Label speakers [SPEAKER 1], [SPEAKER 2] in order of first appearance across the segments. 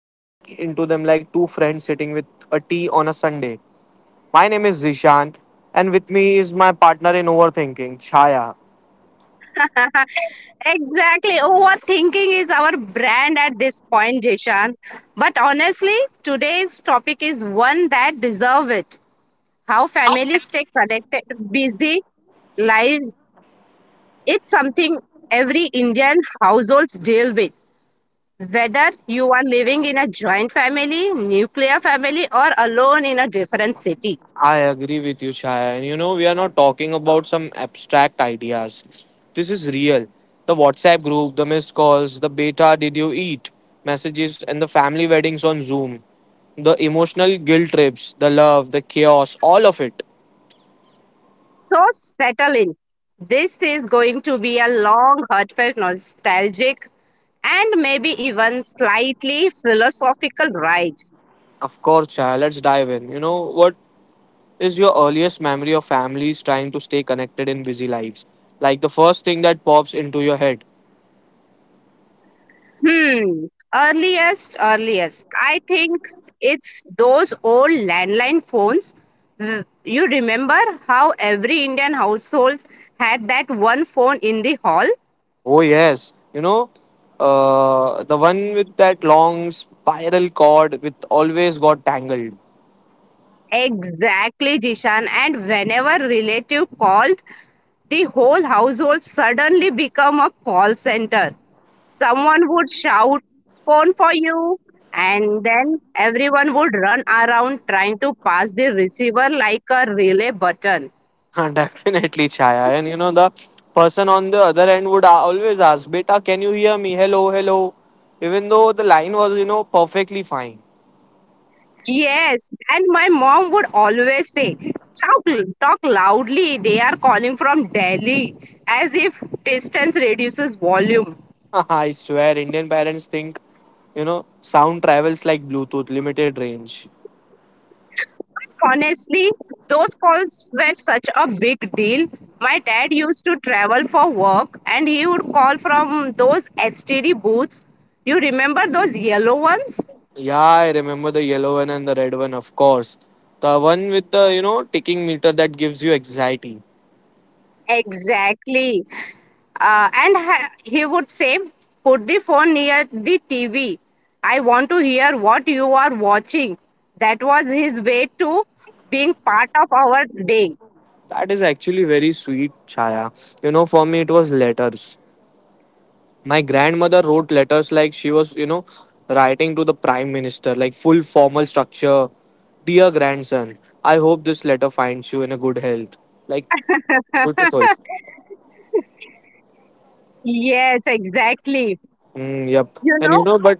[SPEAKER 1] And dig into them like two friends sitting with a tea on a Sunday. My name is Zishan, and with me is my partner in overthinking, Chaya.
[SPEAKER 2] Exactly. Overthinking is our brand at this point, Jishan. But honestly, today's topic is one that deserves it. How families stay connected, busy lives. It's something every Indian households deal with. Whether you are living in a joint family, nuclear family, or alone in a different city.
[SPEAKER 1] I agree with you, Chaya. And you know, we are not talking about some abstract ideas. This is real. The WhatsApp group, the missed calls, the beta, did you eat messages, and the family weddings on Zoom, the emotional guilt trips, the love, the chaos, all of it.
[SPEAKER 2] So settle in. This is going to be a long, heartfelt, nostalgic, and maybe even slightly philosophical ride.
[SPEAKER 1] Of course, Chaya, let's dive in. You know, what is your earliest memory of families trying to stay connected in busy lives? Like the first thing that pops into your head.
[SPEAKER 2] Hmm. Earliest. I think it's those old landline phones. You remember how every Indian household had that one phone in the hall?
[SPEAKER 1] Oh yes, you know, the one with that long spiral cord with always got tangled.
[SPEAKER 2] Exactly, Jishan. And whenever relative called, the whole household suddenly become a call center. Someone would shout, phone for you, and then everyone would run around trying to pass the receiver like a relay button.
[SPEAKER 1] Definitely, Chaya. And you know, the person on the other end would always ask, "Beta, can you hear me? Hello, hello." Even though the line was, you know, perfectly fine.
[SPEAKER 2] Yes, and my mom would always say, talk loudly, they are calling from Delhi, as if distance reduces volume.
[SPEAKER 1] I swear, Indian parents think, you know, sound travels like Bluetooth, limited range.
[SPEAKER 2] Honestly, those calls were such a big deal. My dad used to travel for work and he would call from those STD booths. You remember those yellow ones?
[SPEAKER 1] Yeah, I remember the yellow one and the red one, of course. The one with the, you know, ticking meter that gives you anxiety.
[SPEAKER 2] Exactly. And he would say, Put the phone near the TV. I want to hear what you are watching. That was his way to being part of our day.
[SPEAKER 1] That is actually very sweet, Chaya. You know, for me, it was letters. My grandmother wrote letters like she was, you know, writing to the prime minister, like full formal structure. Dear grandson, I hope this letter finds you in a good health. Like, beautiful.
[SPEAKER 2] Yes, exactly.
[SPEAKER 1] Mm, yep.
[SPEAKER 2] You
[SPEAKER 1] And
[SPEAKER 2] know,
[SPEAKER 1] you know, but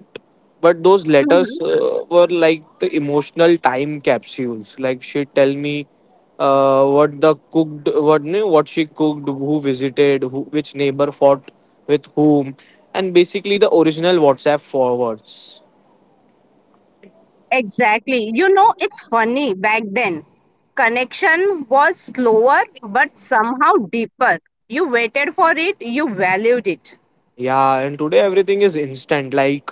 [SPEAKER 1] but those letters were like the emotional time capsules. Like she'd tell me what the cooked, what no, what she cooked, who visited, who, which neighbor fought with whom, and basically the original WhatsApp forwards.
[SPEAKER 2] Exactly. It's funny back then. Connection was slower but somehow deeper. You waited for it, you valued it.
[SPEAKER 1] Yeah, and today everything is instant. Like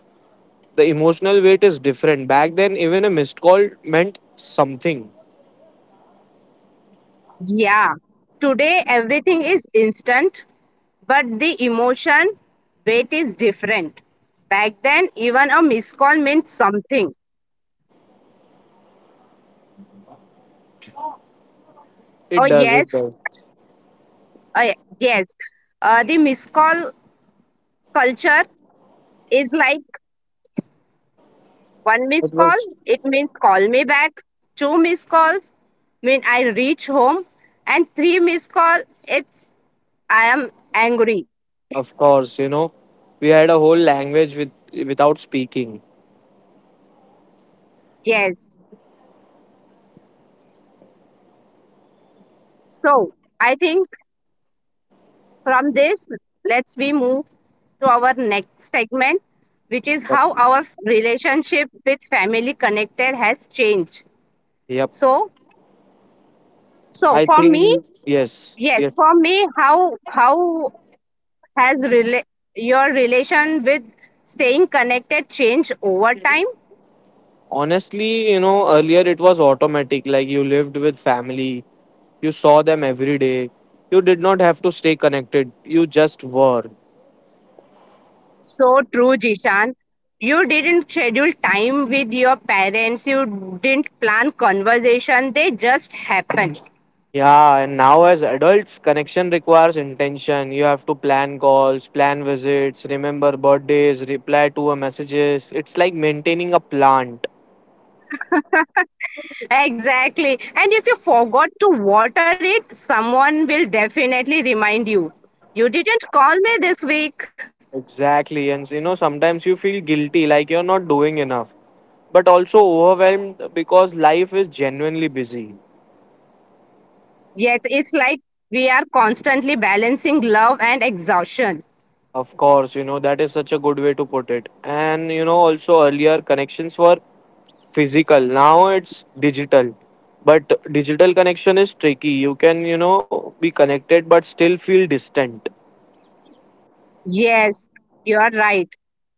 [SPEAKER 1] the emotional weight is different. Back then, even a missed call meant something.
[SPEAKER 2] Yeah. Today everything is instant, but the emotion weight is different. Back then, even a missed call meant something. Oh
[SPEAKER 1] It does. It
[SPEAKER 2] yes,
[SPEAKER 1] does.
[SPEAKER 2] uh, yes. The missed call culture is like one
[SPEAKER 1] It
[SPEAKER 2] missed call,
[SPEAKER 1] works.
[SPEAKER 2] it means call me back. Two missed calls mean I reach home. And three missed call, it's I am angry.
[SPEAKER 1] Of course, you know, we had a whole language with without speaking.
[SPEAKER 2] Yes. So I think from this, let's we move to our next segment, which is
[SPEAKER 1] Yep.
[SPEAKER 2] how our relationship with family connected has changed.
[SPEAKER 1] Yep.
[SPEAKER 2] So, so,
[SPEAKER 1] I
[SPEAKER 2] for me,
[SPEAKER 1] think yes.
[SPEAKER 2] yes,
[SPEAKER 1] Yes.
[SPEAKER 2] for me, how has your relation with staying connected changed over time?
[SPEAKER 1] Honestly, you know, earlier it was automatic. Like you lived with family, you saw them every day. You did not have to stay connected. You just were.
[SPEAKER 2] So true, Jishan. You didn't schedule time with your parents. You didn't plan conversation. They just happen.
[SPEAKER 1] Yeah, and now as adults, connection requires intention. You have to plan calls, plan visits, remember birthdays, reply to a messages. It's like maintaining a plant.
[SPEAKER 2] Exactly. And if you forgot to water it, someone will definitely remind you. You didn't call me this week.
[SPEAKER 1] Exactly. And you know, sometimes you feel guilty, like you're not doing enough, but also overwhelmed because life is genuinely busy.
[SPEAKER 2] Yes, it's like we are constantly balancing love and exhaustion.
[SPEAKER 1] Of course, you know, that is such a good way to put it. And you know, also earlier connections were physical, now it's digital. But digital connection is tricky. You can, you know, be connected but still feel distant.
[SPEAKER 2] Yes, you're right.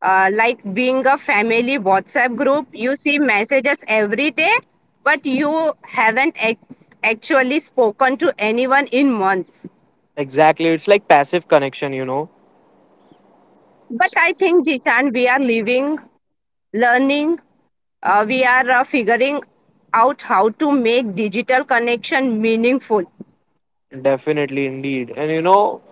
[SPEAKER 2] Like being a family WhatsApp group, you see messages every day, but you haven't actually spoken to anyone in months.
[SPEAKER 1] Exactly. It's like passive connection, you know.
[SPEAKER 2] But I think, Jichan, we are living, learning, we are figuring out how to make digital connection meaningful.
[SPEAKER 1] Definitely, indeed. And you know,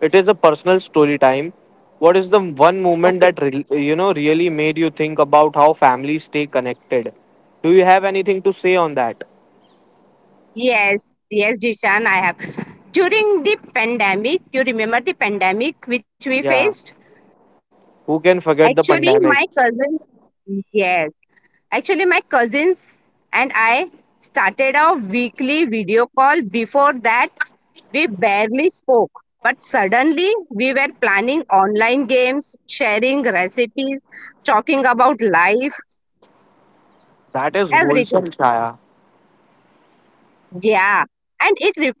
[SPEAKER 1] it is a personal story time. What is the one moment
[SPEAKER 2] Okay.
[SPEAKER 1] that you know really made you think about how families stay connected? Do you have anything to say on that?
[SPEAKER 2] Yes, yes, Jishan, I have. During the pandemic, you remember the pandemic which we
[SPEAKER 1] Yeah.
[SPEAKER 2] faced?
[SPEAKER 1] Who can forget the
[SPEAKER 2] Actually,
[SPEAKER 1] pandemic?
[SPEAKER 2] yes. My cousins and I started our weekly video call. Before that, we barely spoke. But suddenly, we were planning online games, sharing recipes, talking about life,
[SPEAKER 1] That is
[SPEAKER 2] everything.
[SPEAKER 1] wholesome, Chaya.
[SPEAKER 2] Yeah. And it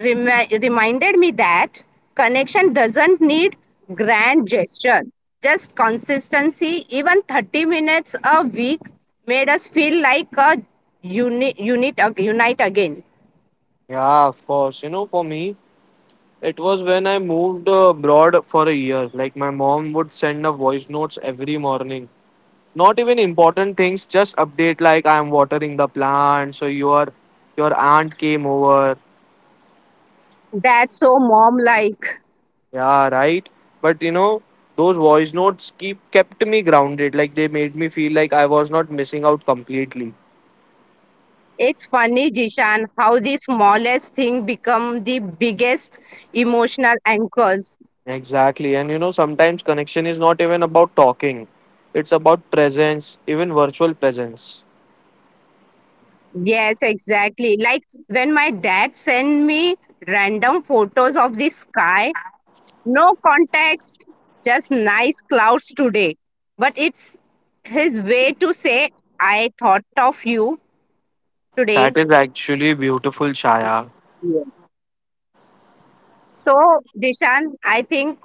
[SPEAKER 2] reminded me that connection doesn't need grand gesture, just consistency. Even 30 minutes a week made us feel like a unite again.
[SPEAKER 1] Yeah, of course. You know, for me, it was when I moved abroad for a year. Like my mom would send a voice notes every morning. Not even important things, just update like I'm watering the plant, so your aunt came over.
[SPEAKER 2] That's so mom like.
[SPEAKER 1] Yeah, right. But you know, those voice notes keep kept me grounded. Like they made me feel like I was not missing out completely.
[SPEAKER 2] It's funny, Jishan, how the smallest thing become the biggest emotional anchors.
[SPEAKER 1] Exactly. And you know, sometimes connection is not even about talking. It's about presence, even virtual presence.
[SPEAKER 2] Yes, exactly, like when my dad sent me random photos of the sky. No context, just nice clouds today. But it's his way to say, I thought of you today.
[SPEAKER 1] That is actually beautiful, Shaya.
[SPEAKER 2] Yeah. So, Dishan, I think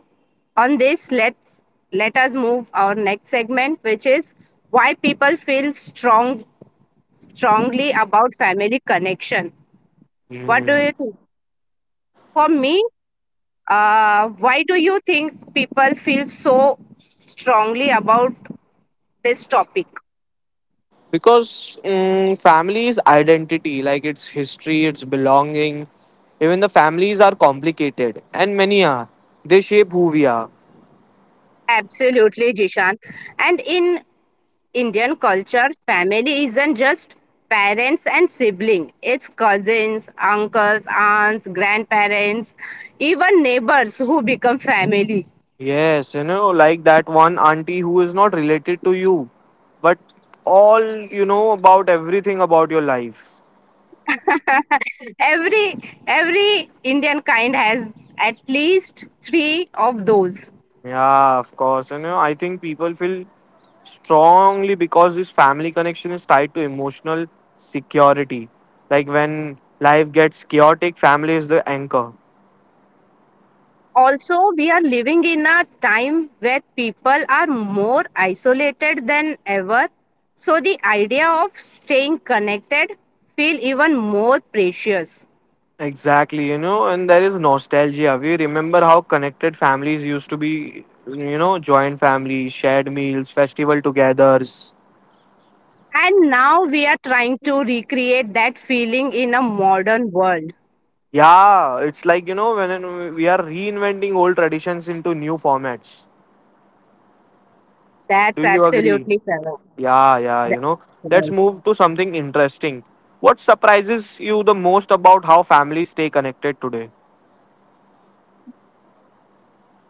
[SPEAKER 2] on this, let us move our next segment, which is why people feel strongly about family connection. What do
[SPEAKER 1] Hmm.
[SPEAKER 2] you think? For me, why do you think people feel so strongly about this topic?
[SPEAKER 1] Because family is identity, like its history, its belonging. Even the families are complicated and many are, they shape who we are.
[SPEAKER 2] Absolutely, Jishan. And in Indian culture, family isn't just parents and sibling. It's cousins, uncles, aunts, grandparents, even neighbors who become family.
[SPEAKER 1] Yes, you know, like that one auntie who is not related to you, but all you know about everything about your life.
[SPEAKER 2] every every Indian kind has at least three of those.
[SPEAKER 1] Yeah, of course, you know, I think people feel strongly because this family connection is tied to emotional security. Like when life gets chaotic, family is the anchor.
[SPEAKER 2] Also, we are living in a time where people are more isolated than ever, so the idea of staying connected feel even more precious.
[SPEAKER 1] Exactly, you know, and there is nostalgia. We remember how connected families used to be, you know, joint families, shared meals, festival togethers.
[SPEAKER 2] And now we are trying to recreate that feeling in a modern world.
[SPEAKER 1] Yeah, it's like, you know, when we are reinventing old traditions into new formats. Do
[SPEAKER 2] That's
[SPEAKER 1] you agree?
[SPEAKER 2] absolutely correct.
[SPEAKER 1] Yeah, yeah, you know. Let's
[SPEAKER 2] Yes.
[SPEAKER 1] move to something interesting. What surprises you the most about how families stay connected today?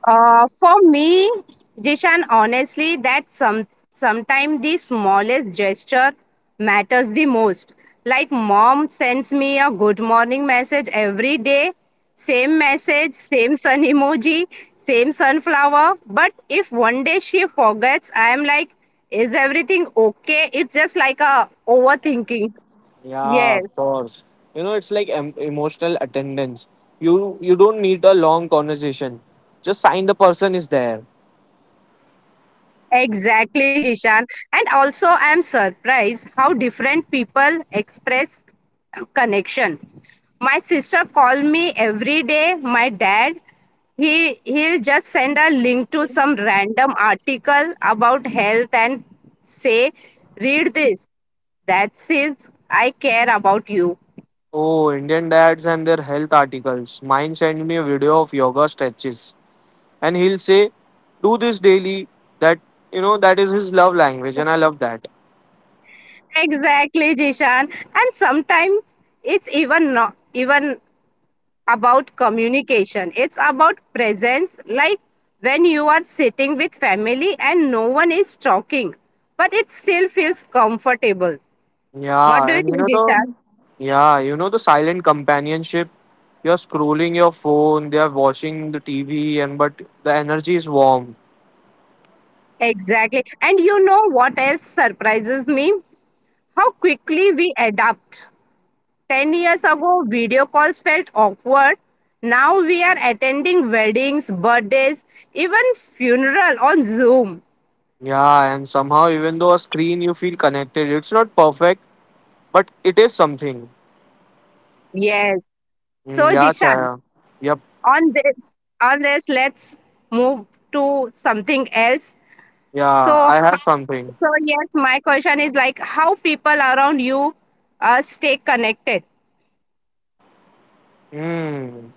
[SPEAKER 2] For me, Jishan, honestly, that sometimes the smallest gesture matters the most. Like mom sends me a good morning message every day, same message, same sun emoji, same sunflower. But if one day she forgets, I am like, is everything okay? It's just like a overthinking.
[SPEAKER 1] Yeah,
[SPEAKER 2] Yes.
[SPEAKER 1] of course. You know, it's like emotional attendance. You don't need a long conversation. Just sign the person is there.
[SPEAKER 2] Exactly, Jishan. And also, I'm surprised how different people express connection. My sister called me every day. My dad, he'll just send a link to some random article about health and say, "Read this." That says, "I care about you."
[SPEAKER 1] Oh, Indian dads and their health articles. Mine sent me a video of yoga stretches, and he'll say, "Do this daily." That you know that is his love language, and I love that.
[SPEAKER 2] Exactly, Jishan. And sometimes it's even not even about communication. It's about presence, like when you are sitting with family and no one is talking, but it still feels comfortable. What do
[SPEAKER 1] Yeah,
[SPEAKER 2] you
[SPEAKER 1] and you
[SPEAKER 2] think,
[SPEAKER 1] know
[SPEAKER 2] Disha?
[SPEAKER 1] the yeah, you know the silent companionship. You're scrolling your phone, they are watching the TV, and but the energy is warm.
[SPEAKER 2] Exactly. And you know what else surprises me? How quickly we adapt. 10 years ago, video calls felt awkward. Now we are attending weddings, birthdays, even funeral on Zoom.
[SPEAKER 1] Yeah, and somehow, even though a screen, you feel connected. It's not perfect, but it is something.
[SPEAKER 2] Yes.
[SPEAKER 1] Mm,
[SPEAKER 2] So,
[SPEAKER 1] yeah,
[SPEAKER 2] Jishan,
[SPEAKER 1] Chaya. Yep.
[SPEAKER 2] on this on this let's move to something else.
[SPEAKER 1] Yeah,
[SPEAKER 2] So,
[SPEAKER 1] I have something.
[SPEAKER 2] so yes, my question is like how people around you stay connected.
[SPEAKER 1] Hmm.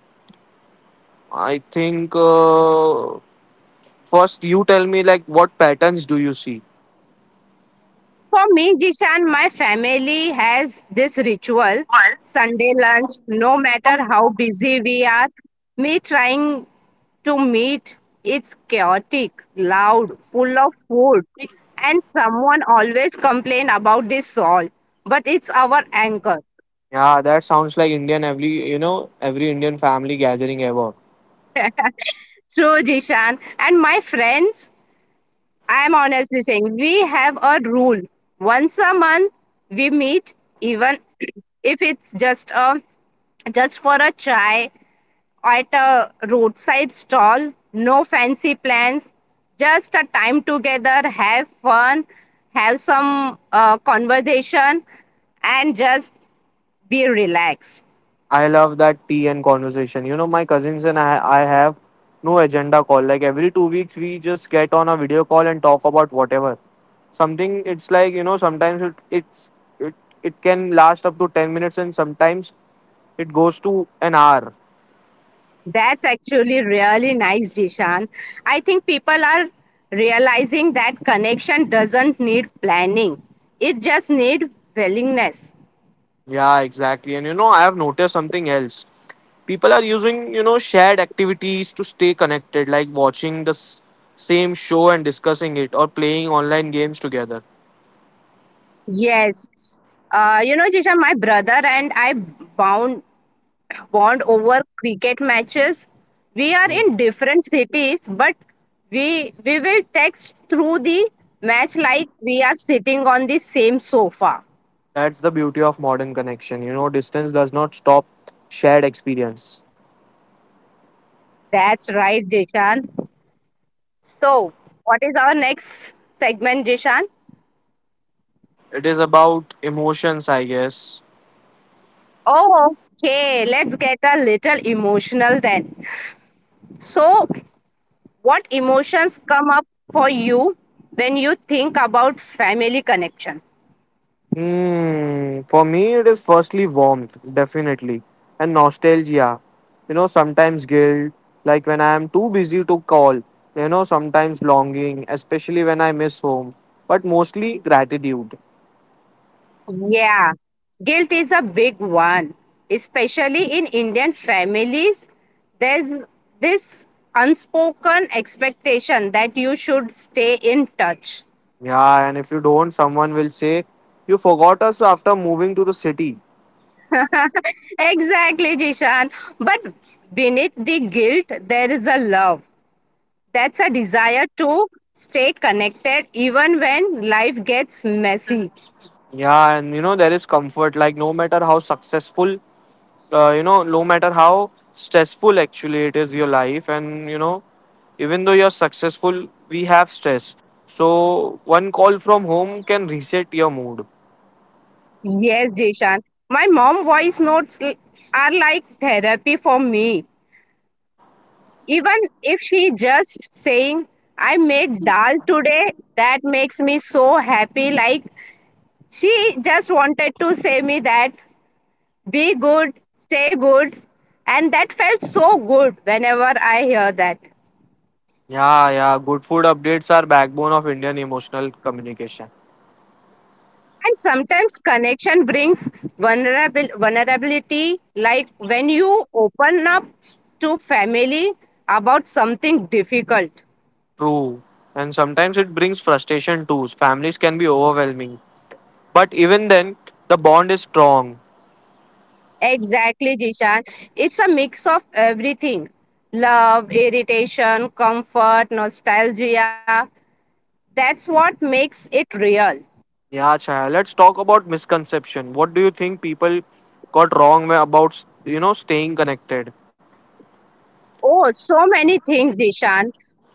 [SPEAKER 1] I think first you tell me like what patterns do you see?
[SPEAKER 2] For me, Jishan, my family has this ritual, Sunday lunch. No matter how busy we are, me trying to meet, it's chaotic, loud, full of food, and someone always complain about this salt, but it's our anchor.
[SPEAKER 1] Yeah, that sounds like Indian every you know every Indian family gathering ever.
[SPEAKER 2] True, Jishan. And my friends, I am honestly saying we have a rule. Once a month we meet, even if it's just for a chai at a roadside stall. No fancy plans, just a time together, have fun, have some conversation, and just be relaxed.
[SPEAKER 1] I love that tea and conversation. You know, my cousins and I have no agenda call. Like every 2 weeks, we just get on a video call and talk about whatever. Something it's like you know sometimes it, it can last up to 10 minutes and sometimes it goes to an hour.
[SPEAKER 2] That's actually really nice, Jishan. I think people are realizing that connection doesn't need planning. It just needs willingness.
[SPEAKER 1] Yeah, exactly. And you know, I have noticed something else. People are using you know shared activities to stay connected, like watching the same show and discussing it, or playing online games together.
[SPEAKER 2] Yes. Jishan, my brother and I bound bond over cricket matches. We are in different cities, but we will text through the match like we are sitting on the same sofa.
[SPEAKER 1] That's the beauty of modern connection. You know, distance does not stop shared experience.
[SPEAKER 2] That's right, Jishan. So, what is our next segment, Jishan?
[SPEAKER 1] It is about emotions, I guess.
[SPEAKER 2] Oh, okay. Let's get a little emotional then. So, what emotions come up for you when you think about family connection?
[SPEAKER 1] Hmm. For me, it is firstly warmth, definitely, and nostalgia. You know, sometimes guilt, like when I am too busy to call. You know, sometimes longing, especially when I miss home, but mostly gratitude.
[SPEAKER 2] Yeah, guilt is a big one, especially in Indian families. There's this unspoken expectation that you should stay in touch.
[SPEAKER 1] Yeah, and if you don't, someone will say, you forgot us after moving to the city.
[SPEAKER 2] Exactly, Jishan. But beneath the guilt, there is a love. That's a desire to stay connected even when life gets messy.
[SPEAKER 1] Yeah, and you know, there is comfort. Like, no matter how successful, you know, no matter how stressful actually it is your life, and you know, even though you're successful, we have stress. So, one call from home can reset your mood.
[SPEAKER 2] Yes, Jishan. My mom voice notes are like therapy for me. Even if she just saying, I made dal today, that makes me so happy. Like she just wanted to say me that be good, stay good. And that felt so good whenever I hear that.
[SPEAKER 1] Yeah, yeah, good food updates are backbone of Indian emotional communication.
[SPEAKER 2] And sometimes connection brings vulnerability, like when you open up to family about something difficult.
[SPEAKER 1] True. And sometimes it brings frustration too. Families can be overwhelming. But even then, the bond is strong.
[SPEAKER 2] Exactly, Jishan. It's a mix of everything love, irritation, comfort, nostalgia. That's what makes it real.
[SPEAKER 1] Yeah, Chaya. Let's talk about misconception. What do you think people got wrong about you know staying connected?
[SPEAKER 2] Oh, so many things, Dishan.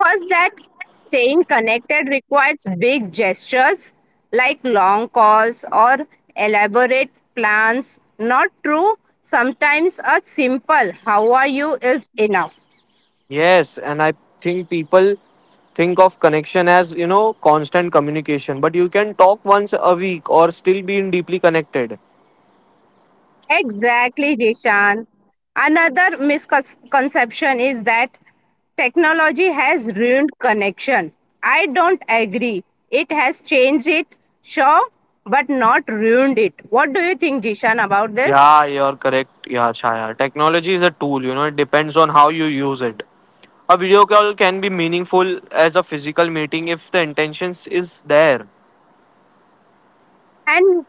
[SPEAKER 2] First, that staying connected requires big gestures like long calls or elaborate plans. Not true. Sometimes a simple how are you is enough.
[SPEAKER 1] Yes, and I think people think of connection as you know constant communication, but you can talk once a week or still being deeply connected.
[SPEAKER 2] Exactly, Jishan. Another misconception is that technology has ruined connection. I don't agree. It has changed it, sure, but not ruined it. What do you think, Jishan, about this?
[SPEAKER 1] Yeah, you're correct. Yeah, Chaya. Technology is a tool. You know, it depends on how you use it. A video call can be meaningful as a physical meeting if the intentions is there.
[SPEAKER 2] And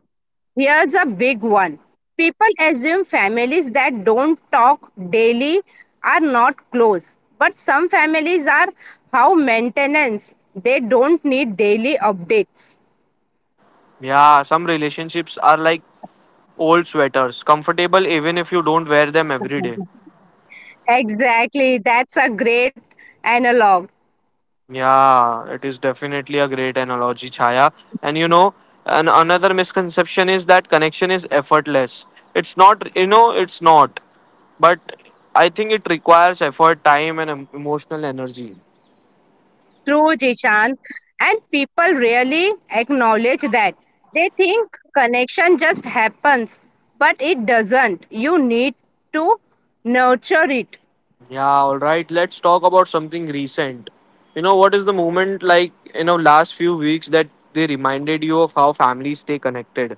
[SPEAKER 2] here's a big one. People assume families that don't talk daily are not close, but some families are how maintenance. They don't need daily updates.
[SPEAKER 1] Yeah, some relationships are like old sweaters, comfortable even if you don't wear them every day.
[SPEAKER 2] Exactly, that's a great analog.
[SPEAKER 1] Yeah, it is definitely a great analogy, Chaya. And you know, and another misconception is that connection is effortless. It's not, you know, it's not. But I think it requires effort, time, and emotional energy.
[SPEAKER 2] True, Jishan. And people really acknowledge that. They think connection just happens, but it doesn't. You need to nurture it.
[SPEAKER 1] Yeah, all right. Let's talk about something recent. You know, what is the moment like, you know, last few weeks that they reminded you of how families stay connected?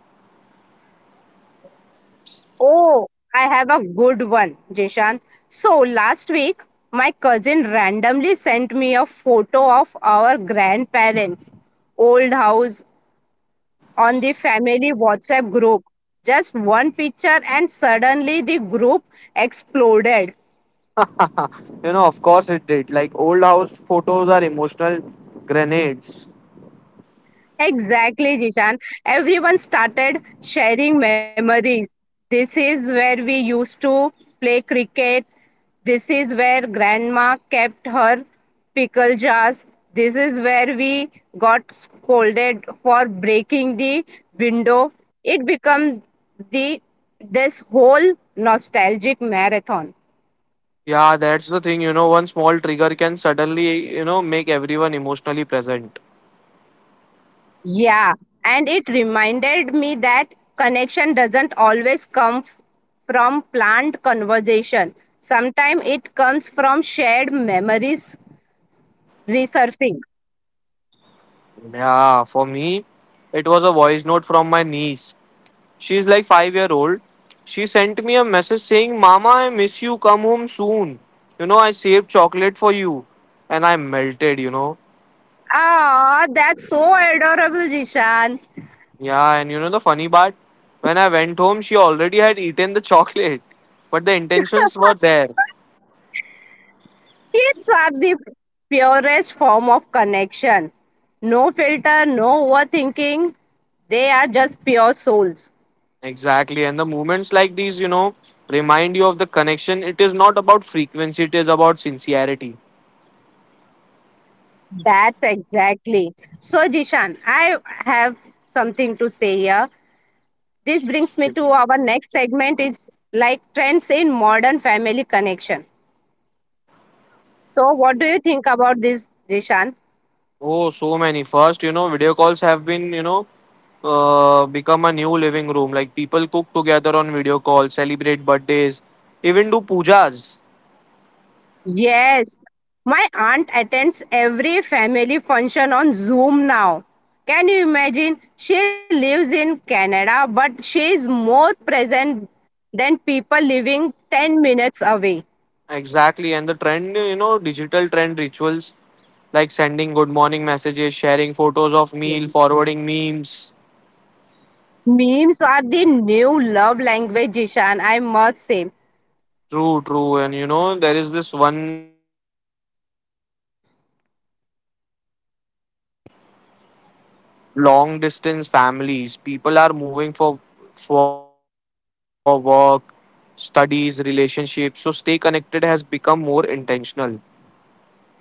[SPEAKER 2] Oh, I have a good one, Jishan. So last week, my cousin randomly sent me a photo of our grandparents' old house on the family WhatsApp group. Just one picture, and suddenly the group exploded.
[SPEAKER 1] You know, of course it did. Like old house photos are emotional grenades.
[SPEAKER 2] Exactly, Jishan. Everyone started sharing memories. This is where we used to play cricket. This is where grandma kept her pickle jars. This is where we got scolded for breaking the window. It became the this whole nostalgic marathon.
[SPEAKER 1] Yeah, that's the thing, you know, one small trigger can suddenly, you know, make everyone emotionally present.
[SPEAKER 2] Yeah, and it reminded me that connection doesn't always come from planned conversation. Sometimes it comes from shared memories resurfacing.
[SPEAKER 1] Yeah, for me, it was a voice note from my niece. She's like 5-year-old. She sent me a message saying, "Mama, I miss you. Come home soon. You know, I saved chocolate for you." And I melted, you know.
[SPEAKER 2] Ah, that's so adorable, Jishan.
[SPEAKER 1] Yeah, and you know the funny part? When I went home, she already had eaten the chocolate, but the intentions were there.
[SPEAKER 2] Kids are the purest form of connection. No filter, no overthinking. They are just pure souls.
[SPEAKER 1] Exactly. And the moments like these, you know, remind you of the connection. It is not about frequency, it is about sincerity.
[SPEAKER 2] That's exactly. So, Jishan, I have something to say here. This brings me to
[SPEAKER 1] Yes.
[SPEAKER 2] our next segment is like trends in modern family connection. So what do you think about this, Dishan?
[SPEAKER 1] Oh, so many. First, you know, video calls have been, you know, become a new living room. Like people cook together on video calls, celebrate birthdays, even do pujas.
[SPEAKER 2] Yes. My aunt attends every family function on Zoom now. Can you imagine? She lives in Canada, but she is more present than people living 10 minutes away.
[SPEAKER 1] Exactly. And the trend, you know, digital trend rituals like sending good morning messages, sharing photos of meal, forwarding memes.
[SPEAKER 2] Memes are the new love language, Ishan, I must say.
[SPEAKER 1] True, true. And you know, there is this one long distance families people are moving for work, studies, relationships, so stay connected has become more intentional.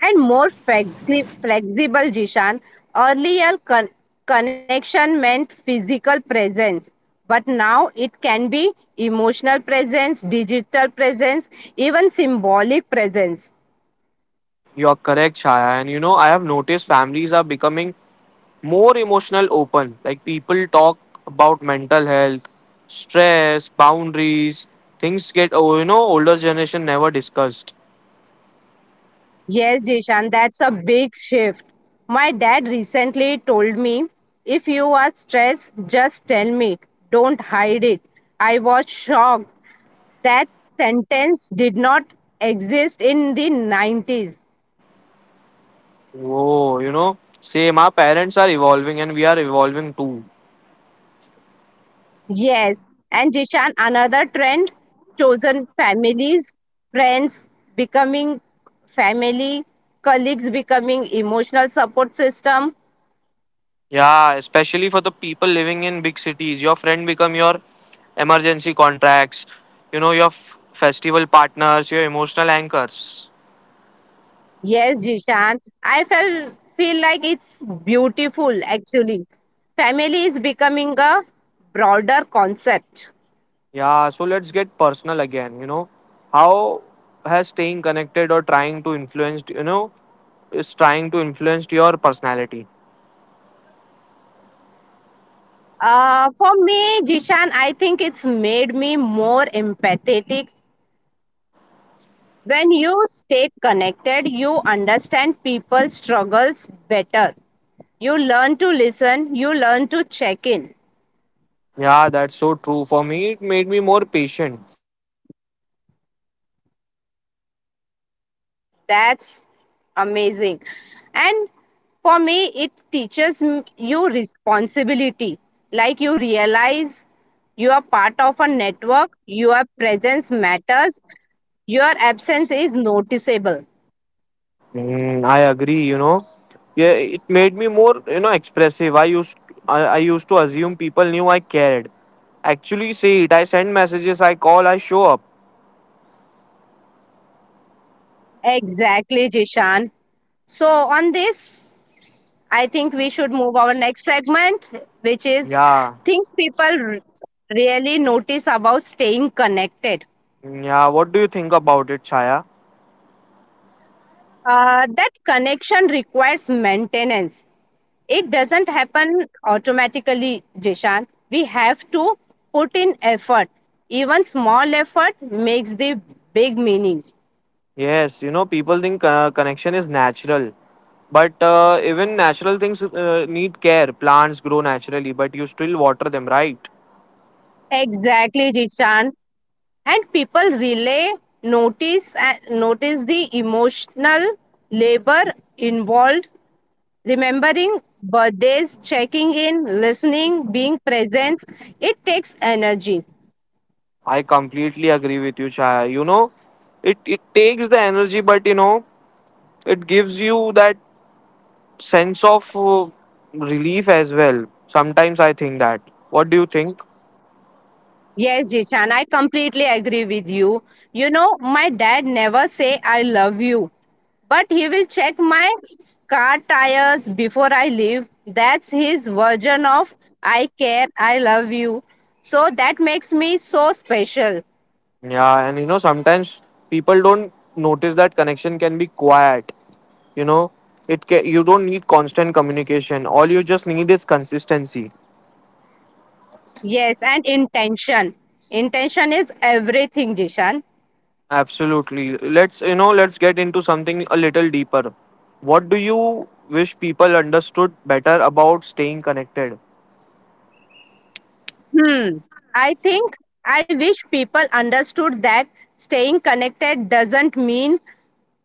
[SPEAKER 2] And more flexible, Jishan. Earlier connection meant physical presence, but now it can be emotional presence, digital presence, even symbolic presence.
[SPEAKER 1] You're correct, Shaya. And you know, I have noticed families are becoming more emotional open, like people talk about mental health, stress, boundaries, things get, oh you know, older generation never discussed.
[SPEAKER 2] Yes, Jishan, that's a big shift. My dad recently told me if you are stressed, just tell me, don't hide it. I was shocked. That sentence did not exist in the 90s.
[SPEAKER 1] Oh you know, same, our parents are evolving and we are evolving too.
[SPEAKER 2] Yes, and Jishan, another trend chosen families, friends becoming family, colleagues becoming emotional support system.
[SPEAKER 1] Yeah, especially for the people living in big cities, your friend become your emergency contacts, you know, your festival partners, your emotional anchors.
[SPEAKER 2] Yes, Jishan, I felt feel like it's beautiful actually. Family is becoming a broader concept.
[SPEAKER 1] Yeah, so let's get personal again, you know. How has staying connected or trying to influence, you know, is trying to influence your personality?
[SPEAKER 2] For me, Jishan, I think it's made me more empathetic. When you stay connected, you understand people's struggles better. You learn to listen, you learn to check in.
[SPEAKER 1] Yeah, that's so true. For me, it made me more patient.
[SPEAKER 2] That's amazing. And for me, it teaches you responsibility. Like you realize you are part of a network, your presence matters, your absence is noticeable.
[SPEAKER 1] Mm, I agree, you know. Yeah, it made me more, you know, expressive. I used to assume people knew I cared. Actually see it, I send messages, I call, I show up.
[SPEAKER 2] Exactly, Jishan. So, on this I think we should move our next segment, which is
[SPEAKER 1] Yeah.
[SPEAKER 2] things people really notice about staying connected.
[SPEAKER 1] Mm, yeah, what do you think about it, Chaya?
[SPEAKER 2] That connection requires maintenance. It doesn't happen automatically, Jishan. We have to put in effort. Even small effort makes the big meaning.
[SPEAKER 1] Yes, you know, people think connection is natural. But even natural things need care. Plants grow naturally, but you still water them, right?
[SPEAKER 2] Exactly, Jishan. And people relay, notice the emotional labor involved. Remembering birthdays, checking in, listening, being present, it takes energy.
[SPEAKER 1] I completely agree with you, Chaya. You know, it takes the energy, but you know, it gives you that sense of relief as well. Sometimes I think that. What do you think?
[SPEAKER 2] Yes, Jishan, I completely agree with you. My dad never say I love you, but he will check my car tires before I leave. That's his version of I care, I love you. So that makes me so special.
[SPEAKER 1] Yeah, and you know, sometimes people don't notice that connection can be quiet. You know, you don't need constant communication. All you just need is consistency.
[SPEAKER 2] Yes, and intention. Intention is everything, Jishan.
[SPEAKER 1] Absolutely. Let's you know, let's get into something a little deeper. What do you wish people understood better about staying connected?
[SPEAKER 2] Hmm. I think I wish people understood that staying connected doesn't mean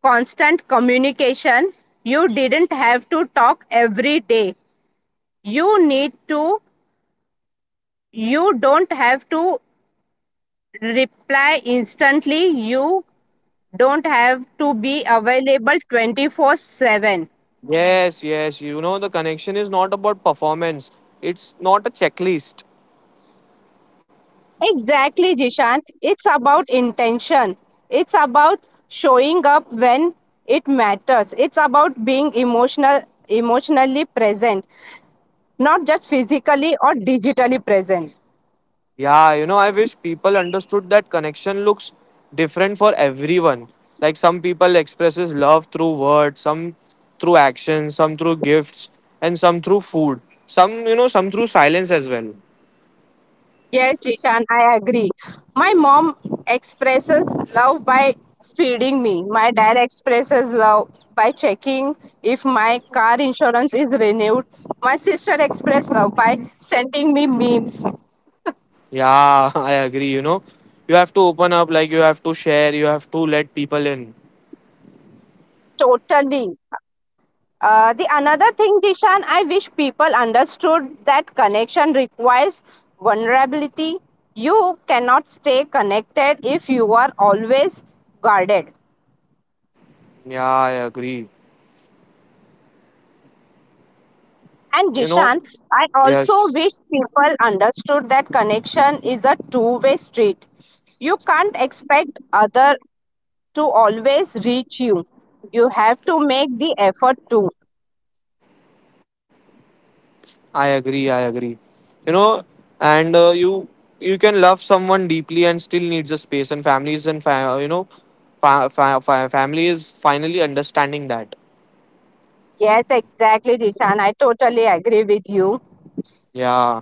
[SPEAKER 2] constant communication. You didn't have to talk every day. You need to, you don't have to reply instantly. You don't have to be available 24/7.
[SPEAKER 1] Yes, yes. You know, the connection is not about performance. It's not a checklist.
[SPEAKER 2] Exactly, Jishan. It's about intention. It's about showing up when it matters. It's about being emotionally present, not just physically or digitally present.
[SPEAKER 1] Yeah, you know, I wish people understood that connection looks different for everyone. Like some people expresses love through words, some through actions, some through gifts, and some through food. Some, you know, some through silence as well.
[SPEAKER 2] Yes, Jishan, I agree. My mom expresses love by feeding me. My dad expresses love by checking if my car insurance is renewed. My sister expresses love by sending me memes.
[SPEAKER 1] Yeah, I agree, you know. You have to open up, like you have to share, you have to let people in.
[SPEAKER 2] Totally. The another thing, Dishan, I wish people understood that connection requires vulnerability. You cannot stay connected if you are always guarded.
[SPEAKER 1] Yeah, I agree.
[SPEAKER 2] And
[SPEAKER 1] You know,
[SPEAKER 2] Dishan, I also
[SPEAKER 1] yes.
[SPEAKER 2] wish people understood that connection is a two-way street. You can't expect other to always reach you. You have to make the effort too.
[SPEAKER 1] I agree. I agree. You know, and you you can love someone deeply and still needs a space. And families and you know, family is finally understanding that.
[SPEAKER 2] Yes, exactly, Dishan. I totally agree with you.
[SPEAKER 1] Yeah,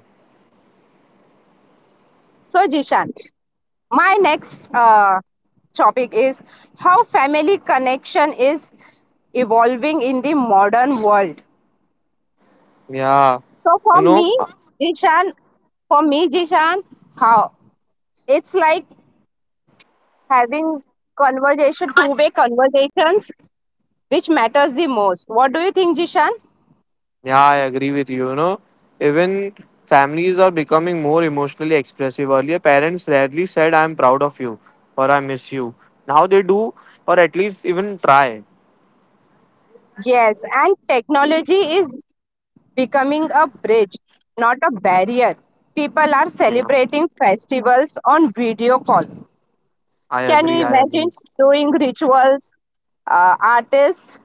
[SPEAKER 2] So, Jishan, my next topic is how family connection is evolving in the modern world.
[SPEAKER 1] yeah.
[SPEAKER 2] So for
[SPEAKER 1] You know,
[SPEAKER 2] me, Jishan, for me jishan how it's like having conversation two-way conversations, which matters the most. What do you think, Jishan?
[SPEAKER 1] yeah. I agree with you. You know, even families are becoming more emotionally expressive. Earlier, parents rarely said, "I'm proud of you" or "I miss you." Now they do, or at least even try.
[SPEAKER 2] Yes, and technology is becoming a bridge, not a barrier. People are
[SPEAKER 1] Yeah,
[SPEAKER 2] celebrating festivals on video call.
[SPEAKER 1] I
[SPEAKER 2] Can you
[SPEAKER 1] agree. I
[SPEAKER 2] imagine
[SPEAKER 1] agree.
[SPEAKER 2] doing rituals, artists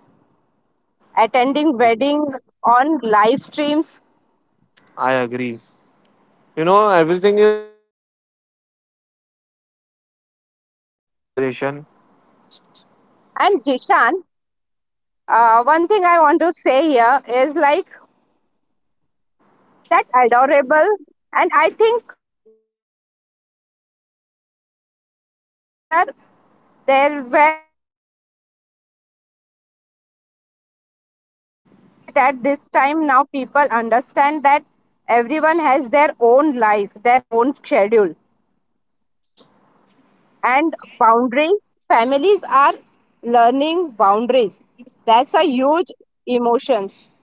[SPEAKER 2] attending wedding on live streams?
[SPEAKER 1] I agree. You know, everything is great. And I think that is the great note of ending this conversation.
[SPEAKER 2] And Jishan, one thing I want to say here is like that adorable, and I think families are becoming more flexible. Earlier, there were strict expectations, call at time, visit at this time. Now people understand that everyone has their own life, their own schedule. And boundaries, families are learning boundaries. That's a huge emotions.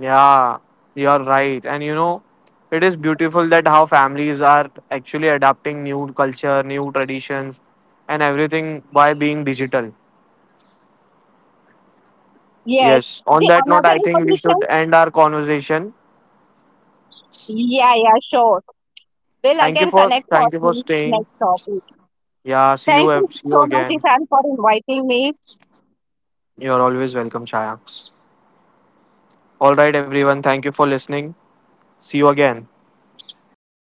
[SPEAKER 1] Yeah, you're right. And you know, it is beautiful that how families are actually adapting new culture, new traditions, and everything by being digital.
[SPEAKER 2] Yes,
[SPEAKER 1] Yes. On
[SPEAKER 2] the
[SPEAKER 1] that note,
[SPEAKER 2] another
[SPEAKER 1] I think we should
[SPEAKER 2] information.
[SPEAKER 1] end our conversation.
[SPEAKER 2] Yeah, yeah, sure, we'll again connect for
[SPEAKER 1] Thank you for
[SPEAKER 2] the
[SPEAKER 1] staying.
[SPEAKER 2] next topic.
[SPEAKER 1] Yeah, see
[SPEAKER 2] Thank
[SPEAKER 1] you
[SPEAKER 2] you
[SPEAKER 1] see
[SPEAKER 2] so
[SPEAKER 1] you
[SPEAKER 2] much,
[SPEAKER 1] again.
[SPEAKER 2] Ishan, for inviting me.
[SPEAKER 1] You're always welcome, Chaya. All right, everyone. Thank you for listening. See you again.